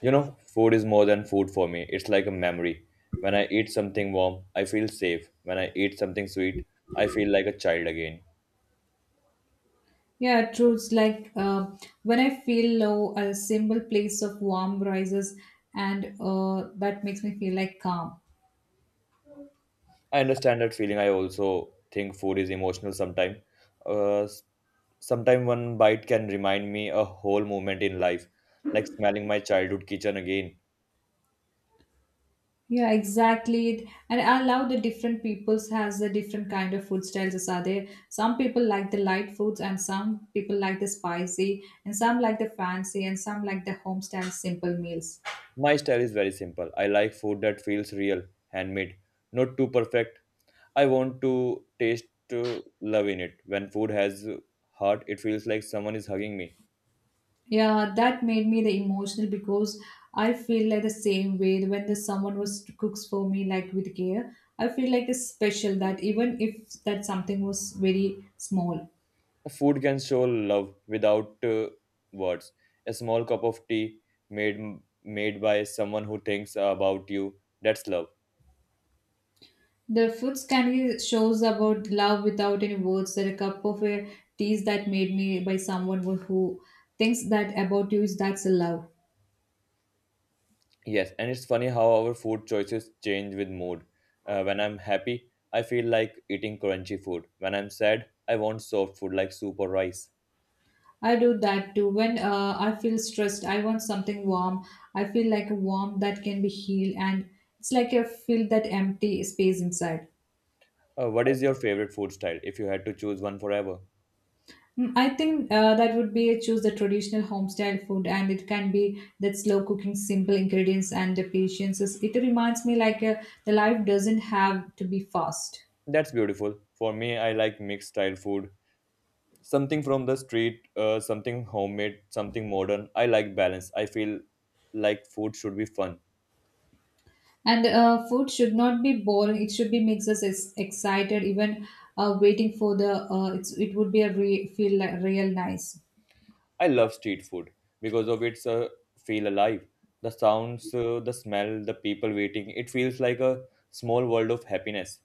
You know, food is more than food for me. It's like a memory. When I eat something warm, I feel safe. When I eat something sweet, I feel like a child again. Yeah, truths like when I feel low, a simple place of warm rises, and that makes me feel like calm. I understand that feeling. I also think food is emotional sometimes. Uh, sometimes one bite can remind me a whole moment in life, like smelling my childhood kitchen again. Yeah, exactly. It- And I love the different peoples has the different kind of food styles as are there. Some people like the light foods, and some people like the spicy, and some like the fancy, and some like the home style simple meals. My style is very simple. I like food that feels real, handmade, not too perfect, I want to taste love in it. When food has heart, it feels like someone is hugging me. Yeah, that made me the emotional because I feel like the same way when the someone was cooks for me like with care. I feel like it's special that even if that something was very small. Food can show love without words. A small cup of tea made made by someone who thinks about you, that's love. The foods can be shows about love without any words. That a cup of a teas that made me by someone who thinks that about you is that's a love. Yes, and it's funny how our food choices change with mood. When I'm happy, I feel like eating crunchy food. When I'm sad, I want soft food like soup or rice. I do that too. When I feel stressed, I want something warm. I feel like a warmth that can be healed, and it's like I feel that empty space inside. What is your favorite food style if you had to choose one forever? Mm, I think that would be a choose the traditional home style food, and it can be that slow cooking, simple ingredients, and the patience. Is- It reminds me like the life doesn't have to be fast. That's beautiful. For me, I like mixed style food. Something from the street, something homemade, something modern. I like balance. I feel like food should be fun. And food should not be boring. It should be makes us ex- excited. Even waiting for the it's, it would be a re- feel like real nice. I love street food because of its feel alive. The sounds, the smell, the people waiting. It feels like a small world of happiness.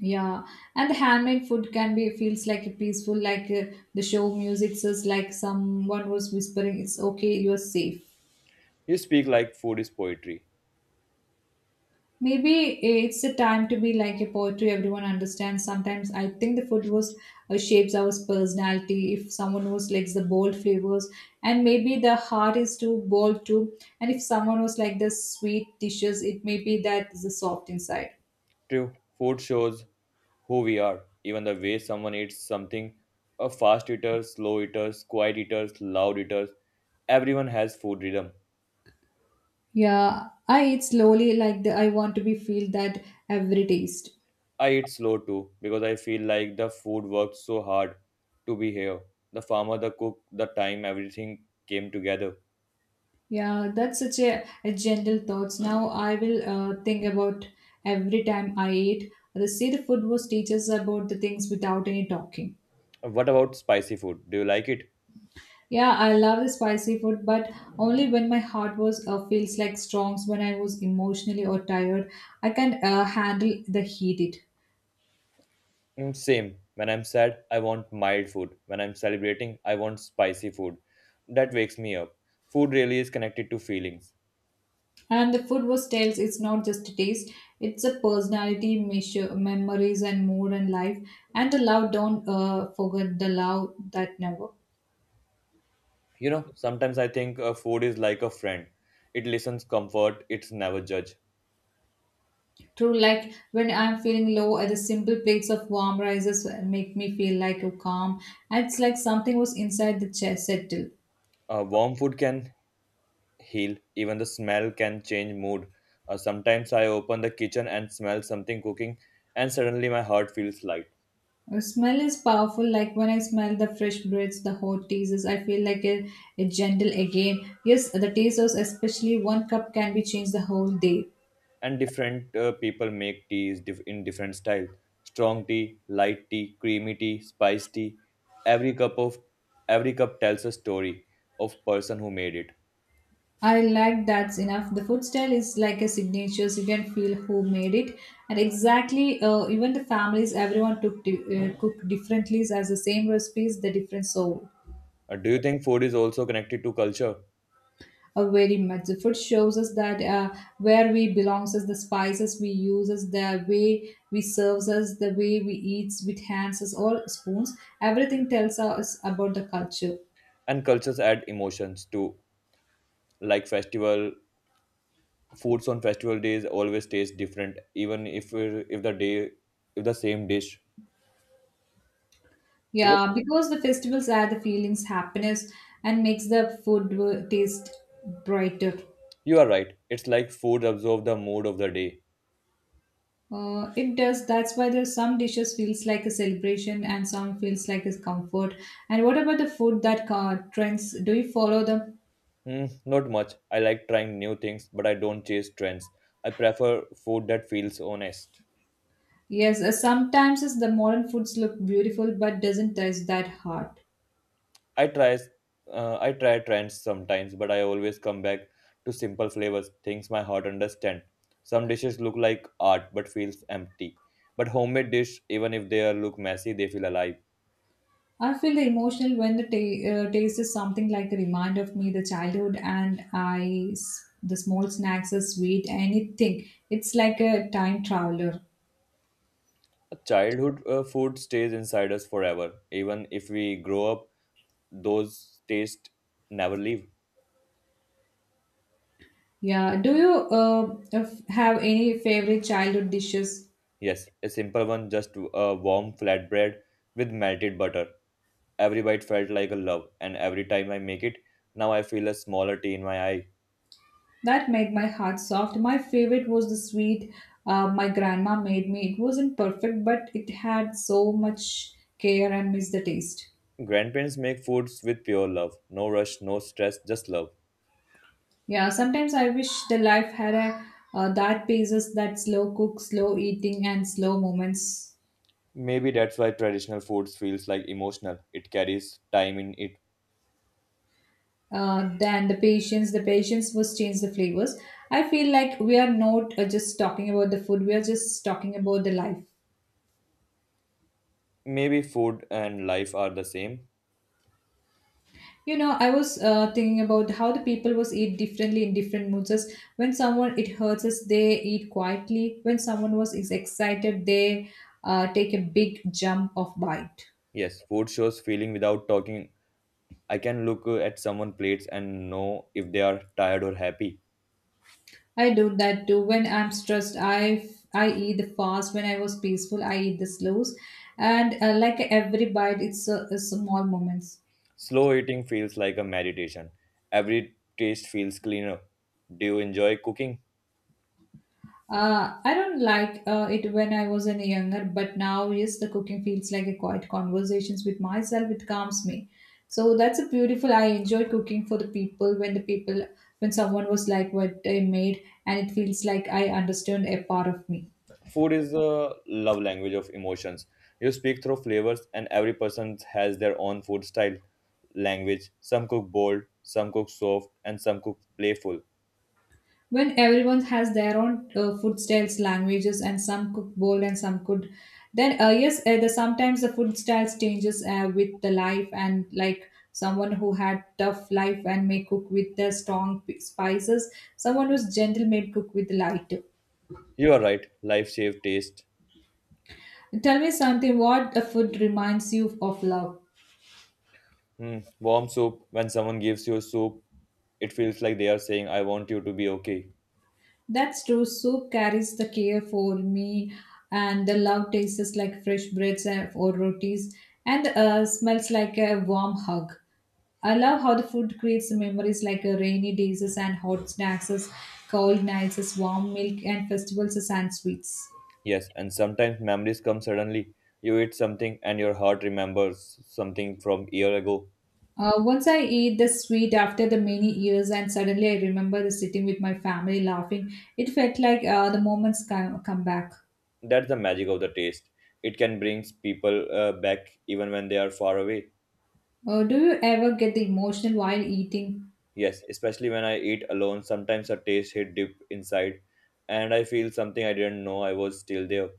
Yeah, and the handmade food can be feels like a peaceful, like the show music says, like someone was whispering, "It's okay, you're safe." You speak like food is poetry. Maybe it's a time to be like a poetry. Everyone understands. Sometimes I think the food was shapes our personality. If someone was likes the bold flavors, and maybe the heart is too bold too. And if someone was like the sweet dishes, it may be that is the soft inside. True, food shows who we are. Even the way someone eats something, a fast eater, slow eaters, quiet eaters, loud eaters, everyone has food rhythm. Yeah, I eat slowly like the I want to be feel that every taste. I eat slow too because I feel like the food worked so hard to be here. The farmer, the cook, the time, everything came together. Yeah, that's such a gentle thoughts. Now I will think about every time I eat. The seed food was teaches about the things without any talking. What about spicy food? Do you like it? Yeah, I love the spicy food, but only when my heart was feels like strongs when I was emotionally or tired. I can handle the heat it. Mm, same. When I'm sad, I want mild food. When I'm celebrating, I want spicy food. That wakes me up. Food really is connected to feelings. And the food was tells it's not just a taste; it's a personality, measure, memories, and mood and life. And the love don't forget the love that never. You know, sometimes I think food is like a friend. It listens comfort, it's never judge. True, like when I'm feeling low, the simple plates of warm rices make me feel like a calm. It's like something was inside the chest settle. Warm food can heal, even the smell can change mood. Sometimes I open the kitchen and smell something cooking, and suddenly my heart feels light. The smell is powerful, like when I smell the fresh breads, the hot teas, I feel like a gentle again. Yes, the teasers, especially one cup, can be changed the whole day. And different people make teas dif- in different style. Strong tea, light tea, creamy tea, spice tea. Every cup of every cup tells a story of person who made it. I like that's enough. The food style is like a signature, so you can feel who made it. And exactly, even the families, everyone took di- cooked differently as the same recipes, the different soul. Do you think food is also connected to culture? Very much. The food shows us that where we belongs us, the spices we use us, the way we serves us, the way we eats with hands us, all spoons. Everything tells us about the culture. And cultures add emotions too, like festival foods on festival days always taste different, even if the day, if the same dish because Yeah, because the festivals add the feelings, happiness, and makes the food w- taste brighter. you are right, it's like food absorb the mood of the day. It does. That's why there's some dishes feels like a celebration and some feels like a comfort. And what about the food that trends? Do you follow them? Hmm, not much. I like trying new things but I don't chase trends. I prefer food that feels honest. Yes, sometimes as the modern foods look beautiful but doesn't taste that hard. I try uh, i try trends sometimes, but I always come back to simple flavors, things my heart understand. Some dishes look like art but feels empty, but homemade dish, even if they are look messy, they feel alive. I feel the emotional when the ta- taste is something like a reminder of me, the childhood, and I s- the small snacks are sweet. Anything, it's like a time traveler. Childhood food stays inside us forever. Even if we grow up, those tastes never leave. Yeah. Do you f- have any favorite childhood dishes Yes, a simple one, just a warm flatbread with melted butter. Every bite felt like a love, and every time I make it, now I feel a smaller tea in my eye. that made my heart soft? My favorite was the sweet my grandma made me. It wasn't perfect, but it had so much care and miss the taste. Grandparents make foods with pure love. No rush, no stress, just love. Yeah, sometimes I wish the life had a that paces that slow cook, slow eating, and slow moments. Maybe that's why traditional foods feels like emotional. It carries time in it. Than the patience was change the flavors. I feel like we are not just talking about the food; we are just talking about the life. Maybe food and life are the same. You know, I was thinking about how the people was eat differently in different moods. As When someone it hurts us, they eat quietly. When someone was is excited, they take a big jump of bite. Yes, food shows feeling without talking. I can look at someone's plates and know if they are tired or happy. I do that too. When I'm stressed, I eat the fast. When I was peaceful, I eat the slows. And like every bite, it's a small moments. Slow eating feels like a meditation. Every taste feels cleaner. Do you enjoy cooking? I don't like it when I was any younger, but now yes, the cooking feels like a quiet conversations with myself. It calms me. So that's a beautiful. I enjoy cooking for the people when someone was like what I made, and it feels like I understand a part of me. Food is a love language of emotions. You speak through flavors, and every person has their own food style, language. Some cook bold, some cook soft, and some cook playful. When everyone has their own food styles languages and some cook bold and some could then yes the sometimes the food styles changes with the life and like someone who had tough life and may cook with the strong p- spices someone who's gentle may cook with light. You are right, life shape taste. Tell me something what the food reminds you of love. Hmm. Warm soup, when someone gives you soup, it feels like they are saying, I want you to be okay. That's true. Soup carries the care for me, and the love tastes like fresh breads and- or rotis, and smells like a warm hug. I love how the food creates memories like rainy days and hot snacks, cold nights, warm milk, and festivals and sweets. Yes, and sometimes memories come suddenly. You eat something and your heart remembers something from year ago. Once I eat the sweet after the many years, and suddenly I remember the sitting with my family laughing. It felt like the moments come, come back. That's the magic of the taste. It can bring people back even when they are far away. Do you ever get the emotional while eating? Yes, especially when I eat alone, sometimes a taste hit deep inside and I feel something I didn't know I was still there.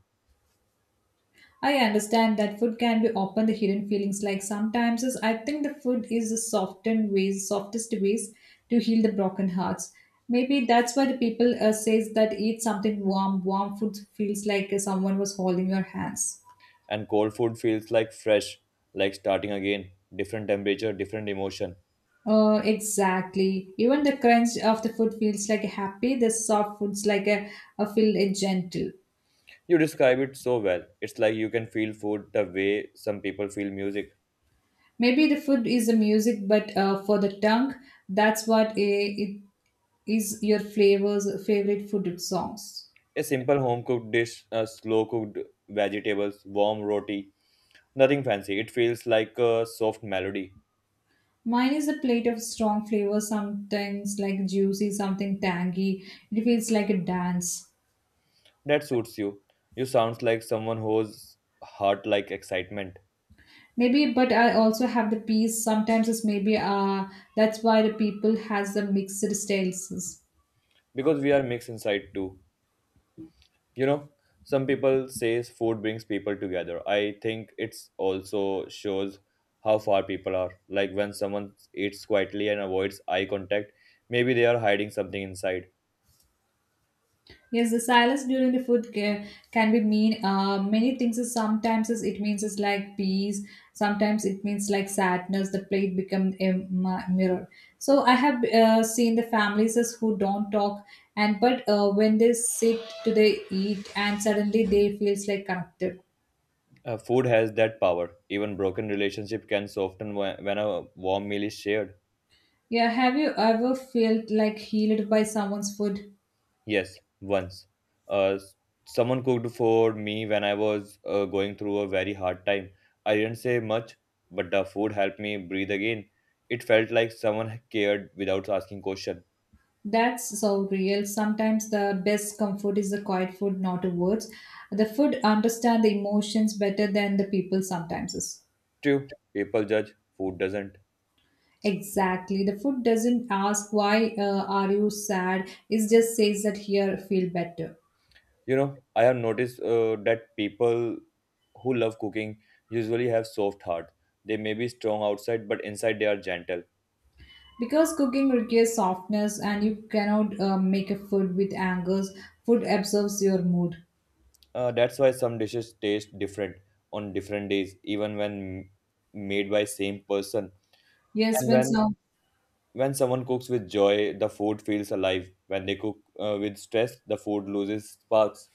I understand that food can be open the hidden feelings. Like sometimes is- I think the food is the softened ways, softest ways to heal the broken hearts. Maybe that's why the people says that eat something warm. Warm food feels like someone was holding your hands. And cold food feels like fresh, like starting again. Different temperature, different emotion. Exactly. Even the crunch of the food feels like happy. The soft foods like a feel gentle. You describe it so well. It's like you can feel food the way some people feel music. Maybe the food is the music, but for the tongue, that's what it is your flavors favorite food songs. A simple home cooked dish, slow cooked vegetables, warm roti, nothing fancy. It feels like a soft melody Mine is a plate of strong flavors, sometimes like juicy, something tangy. It feels like a dance. that suits you. You sounds like someone whose heart like excitement Maybe, but I also have the peas. Sometimes it's maybe that's why the people has the mixed styles. because we are mixed inside too. You know, some people says food brings people together. I think it's also shows how far people are. Like when someone eats quietly and avoids eye contact, maybe they are hiding something inside. Yes, the silence during the food ca- can be mean many things. Is sometimes is, it means it's like peace. Sometimes it means like sadness. The plate become a mi- mirror. So I have seen the families is who don't talk, and but when they sit, to they eat, and suddenly they feels like connected. Food has that power. Even broken relationship can soften wh- when a warm meal is shared. Yeah, have you ever felt like healed by someone's food? Yes, once. S- someone cooked for me when I was going through a very hard time. I didn't say much, but the food helped me breathe again. It felt like someone cared without asking question. That's so real. Sometimes the best comfort is the quiet food, not the words. The food understand the emotions better than the people sometimes is. True, people judge, food doesn't. Exactly. The food doesn't ask why are you sad. It just says that here feel better. You know, I have noticed that people who love cooking usually have soft heart. They may be strong outside, but inside they are gentle. Because cooking requires softness and you cannot make a food with angers. Food absorbs your mood. That's why some dishes taste different on different days, even when made by same person. Yes, And when when some. when someone cooks with joy, the food feels alive. When they cook with stress, the food loses sparks.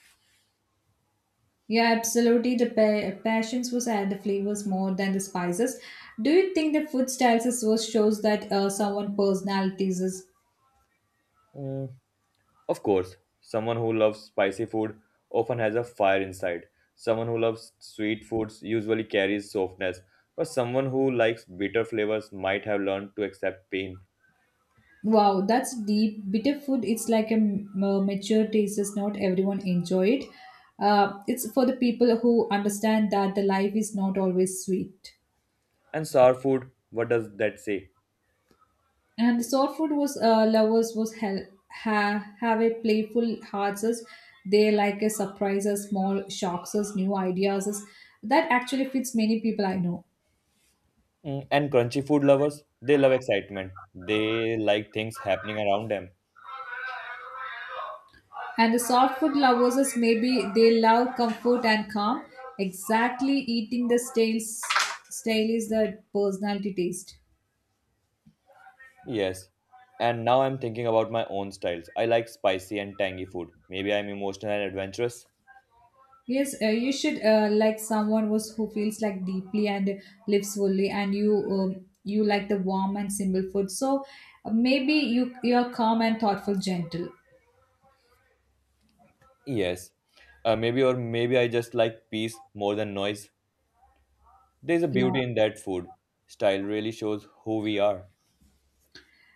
Yeah, absolutely. The pa- passions was at the flavors more than the spices. Do you think the food styles is what shows that someone personalities is? Mm, of course, someone who loves spicy food often has a fire inside. Someone who loves sweet foods usually carries softness, but someone who likes bitter flavors might have learned to accept pain. Wow, that's deep. Bitter food. It's like a m- mature taste. Is not everyone enjoy it. It's for the people who understand that the life is not always sweet. And sour food, what does that say? And soul food was lovers was hel- ha- have a playful hearts. As They like a surprises, small shocks, as new ideas. As That actually fits many people I know. Mm, and crunchy food lovers, they love excitement. They like things happening around them. And the soft food lovers is maybe they love comfort and calm. Exactly eating the stale style is the personality taste. Yes. And now I'm thinking about my own styles. I like spicy and tangy food. Maybe I'm emotional and adventurous. Yes, you should like someone was who feels like deeply and lives fully, and you you like the warm and simple food. So maybe you are calm and thoughtful, gentle. Yes. Maybe or maybe I just like peace more than noise. There's a Yeah. beauty in that food. Style really shows who we are.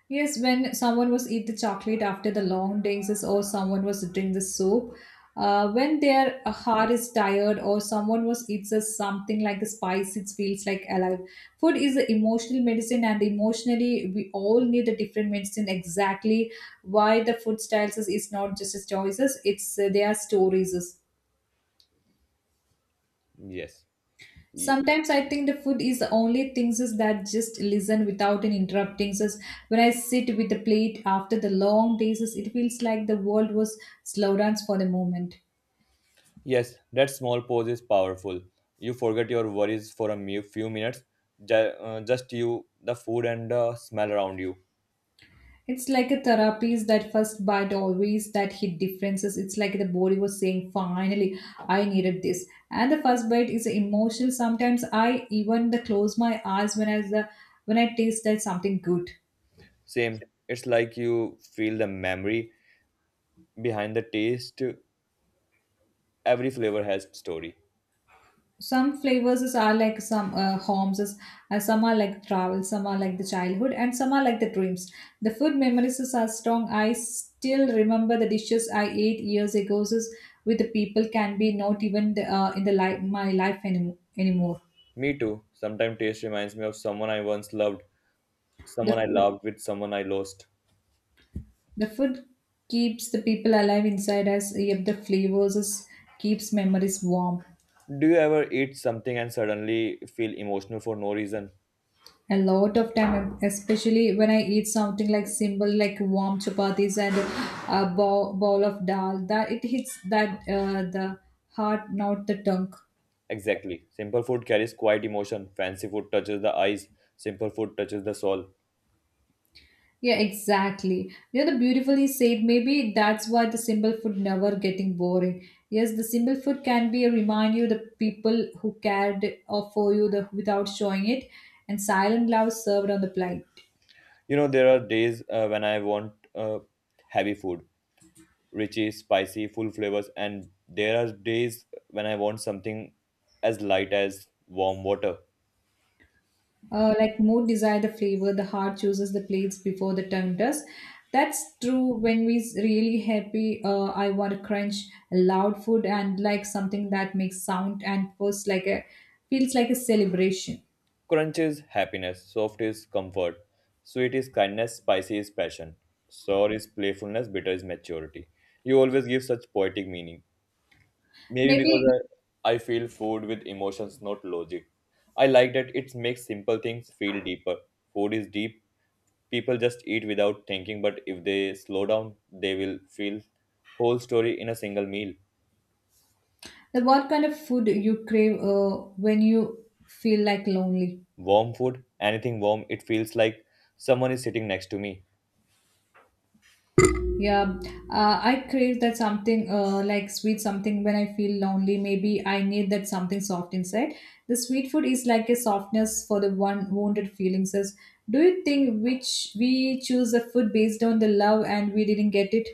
Yes, when someone was eat the chocolate after the long dances, or someone was drink the soup, when their heart is tired, or someone was eats a something like a spice, it feels like alive. Food is the emotional medicine, and emotionally, we all need a different medicine. Exactly why the food styles is not just as choices; it's their stories. Yes. Ye- Sometimes I think the food is the only things is that just listen without an interrupting us. When I sit with the plate after the long days, is it feels like the world was slow dance for the moment. Yes, that small pause is powerful. You forget your worries for a me- few minutes. Just you, the food and the smell around you. It's like a therapy is that first bite always that hit differences. It's like the body was saying, finally, I needed this. And the first bite is emotional. Sometimes I even the close my eyes when I taste that something good. Same. It's like you feel the memory behind the taste. Every flavor has story. Some flavors are like some homes is, some are like travel, some are like the childhood, and some are like the dreams. The food memories is are strong. I still remember the dishes I ate years ago, with the people can be not even in the life my life anymore. Me too. Sometimes taste reminds me of someone I once loved, the someone I food, loved with someone I lost. the food keeps the people alive inside us yet the flavors, keeps memories warm. Do you ever eat something and suddenly feel emotional for no reason? A lot of time, especially when I eat something like simple like warm chapatis and a bowl of dal, that it hits that the heart, not the tongue. Exactly. Simple food carries quiet emotion. Fancy food touches the eyes. Simple food touches the soul. Yeah, exactly, you know, the beautifully said. Maybe that's why the simple food never getting boring. Yes, the simple food can be a remind you the people who cared for you without showing it, and silent love served on the plate. You know, there are days when I want heavy food, richy, spicy, full flavors. And there are days when I want something as light as warm water. Uh, like more desire the flavor, the heart chooses the plates before the tongue does. That's true. When we really happy, I want to crunch loud food and like something that makes sound and feels like a celebration. Crunch is happiness, soft is comfort, sweet is kindness, spicy is passion, sour is playfulness, bitter is maturity. You always give such poetic meaning. Maybe because Maybe I feel food with emotions, not logic. I like that it makes simple things feel deeper. Food is deep. People just eat without thinking, but if they slow down, they will feel whole story in a single meal. the, what kind of food you crave, when you feel like lonely? Warm food, anything warm, it feels like someone is sitting next to me. Yeah, I crave that something, like sweet something when I feel lonely. Maybe I need that something soft inside. The sweet food is like a softness for the one wounded feelings. Says, do you think which we choose a food based on the love and we didn't get it?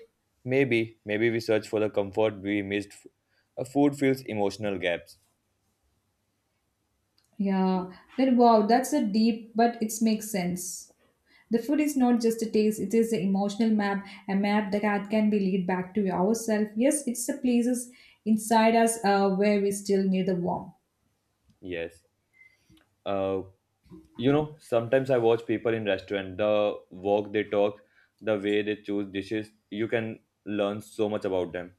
Maybe we search for the comfort we missed. A food fills emotional gaps. Yeah, then wow, that's a deep, but it makes sense. The food is not just a taste; it is an emotional map, a map that can be lead back to ourselves. Yes, it's the places inside us, where we still need the warmth. Yes. Uh, you know, sometimes I watch people in restaurant, the walk they talk, the way they choose dishes, you can learn so much about them.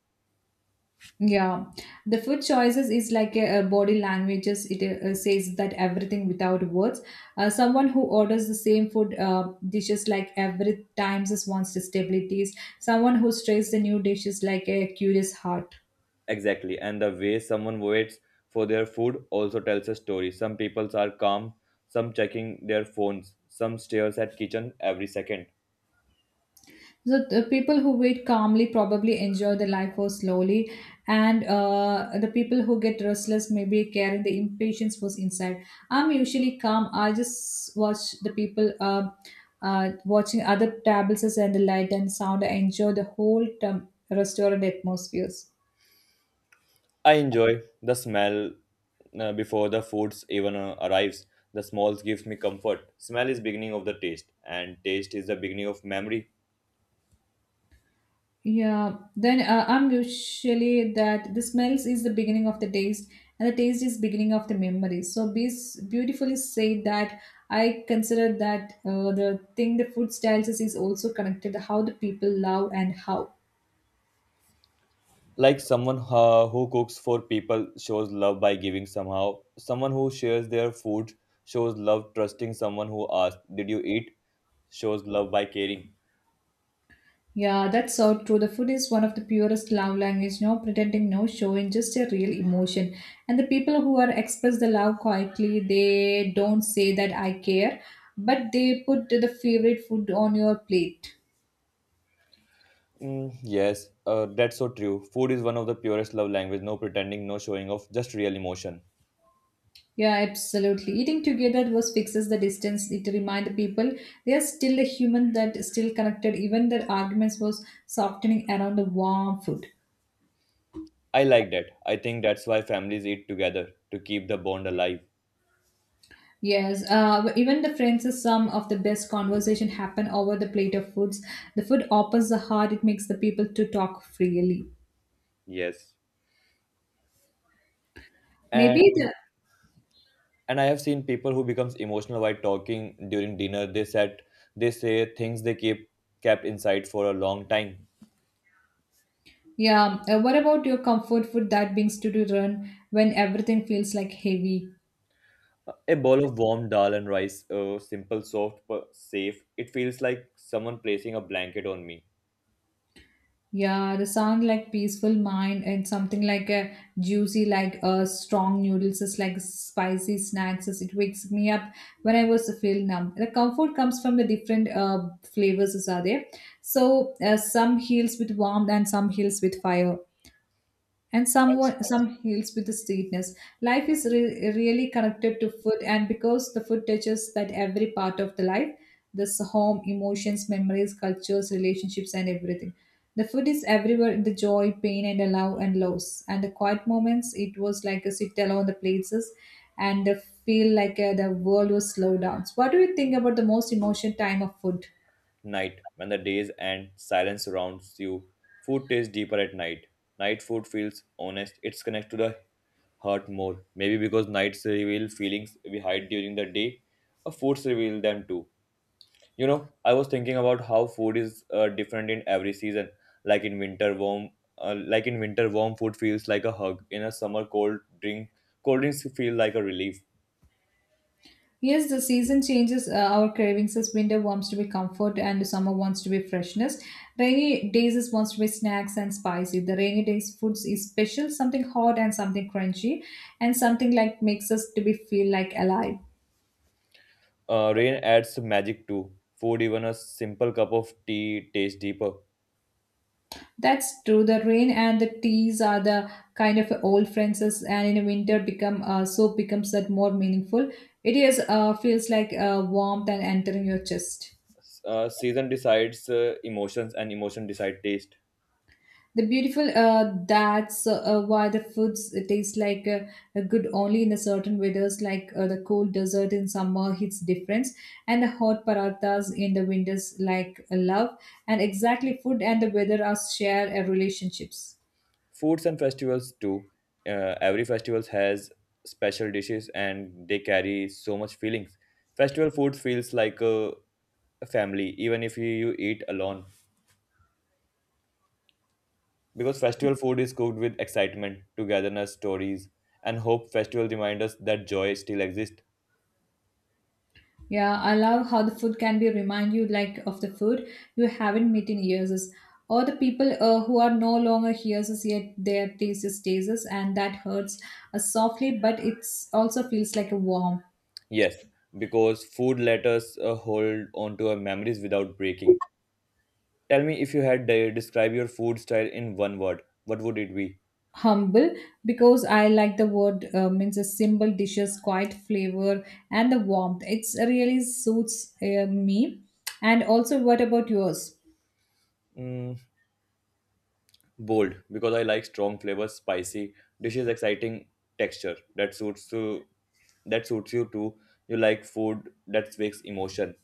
Yeah, the food choices is like a body languages. It says that everything without words. Someone who orders the same food dishes like every times is wants stabilities. Someone who tries the new dishes like a curious heart. Exactly, and the way someone waits for their food also tells a story. Some people are calm, some checking their phones, some stares at kitchen every second. So the people who wait calmly probably enjoy the life more slowly, and the people who get restless maybe carry the impatience was inside. I'm usually calm. I just watch the people watching other tables and the light and sound. I enjoy the whole term, restaurant atmospheres. I enjoy the smell before the foods even arrives. The smells gives me comfort. Smell is beginning of the taste, and taste is the beginning of memory. Yeah, then I'm usually that the smells is the beginning of the taste, and the taste is beginning of the memory. So be beautifully said that I consider that, the thing the food styles is also connected how the people love and how. Like someone who cooks for people shows love by giving somehow. Someone who shares their food shows love. Trusting someone who asks, "Did you eat?" shows love by caring. Yeah, that's so true. The food is one of the purest love language. No pretending, no showing, just a real emotion. And the people who are express the love quietly, they don't say that I care, but they put the favorite food on your plate. Mm, yes, that's so true. Food is one of the purest love language. No pretending, no showing off, just real emotion. Yeah, absolutely. Eating together was fixes the distance. It remind the people they are still a human that is still connected. Even their arguments was softening around the warm food. I like that. I think that's why families eat together to keep the bond alive. Yes, even the friends is some of the best conversation happen over the plate of foods. The food opens the heart. It makes the people to talk freely. Yes, and Maybe the, and I have seen people who becomes emotional while talking during dinner. They say things they keep kept inside for a long time. yeah. What about your comfort food that brings to run when everything feels like heavy? A bowl of warm dal and rice, simple, soft, but safe. It feels like someone placing a blanket on me. Yeah, the sound like peaceful mind and something like a juicy, like a strong noodles is like spicy snacks. Is it wakes me up when I was feel numb. The comfort comes from the different flavors is are there. So some heals with warmth, and some heals with fire, and some heals with the sweetness. Life is really connected to food, and because the food touches that every part of the life, this home, emotions, memories, cultures, relationships, and everything. The food is everywhere in the joy, pain, and the love and loss. And the quiet moments, it was like a sit alone the places and the feel like, the world was slowed down. So what do you think about the most emotional time of food? Night, when the days end, silence surrounds you. Food tastes deeper at night. Night food feels honest. It's connected to the heart more. Maybe because nights reveal feelings we hide during the day, or foods reveal them too. You know, I was thinking about how food is different in every season. Like in winter, warm, like in winter, warm food feels like a hug. In a summer, cold drinks feel like a relief. Yes, the season changes, our cravings as winter wants to be comfort and summer wants to be freshness. Rainy days is wants to be snacks and spicy. The rainy days foods is special, something hot and something crunchy and something like makes us to be feel like alive. Rain adds magic too. Food, even a simple cup of tea, tastes deeper. That's true. The rain and the teas are the kind of old friends as- and in the winter become, so becomes that more meaningful. It is, feels like, warmth and entering your chest. Season decides emotions and emotion decide taste. The beautiful, that's why the foods taste like, good only in a certain weathers, like, the cold desert in summer hits difference, and the hot parathas in the winters like, love. And exactly, food and the weather are share, relationships. Foods and festivals too, every festival has special dishes and they carry so much feelings. Festival food feels like a family, even if you eat alone, because festival food is cooked with excitement, togetherness, stories and hope. Festival remind us that joy still exists. Yeah, I love how the food can be remind you like of the food you haven't met in years, or the people, who are no longer here as yet their taste is tastes, and that hurts, softly, but it's also feels like a warm. Yes, because food let us hold on to our memories without breaking. Tell me, if you had de- describe your food style in one word, what would it be? Humble, because I like the word, means a simple dishes quiet flavor and the warmth. It's really suits, me. And also, what about yours? Mm, bold, because I like strong flavors, spicy dishes, exciting texture that suits to that suits you too. You like food that speaks emotion.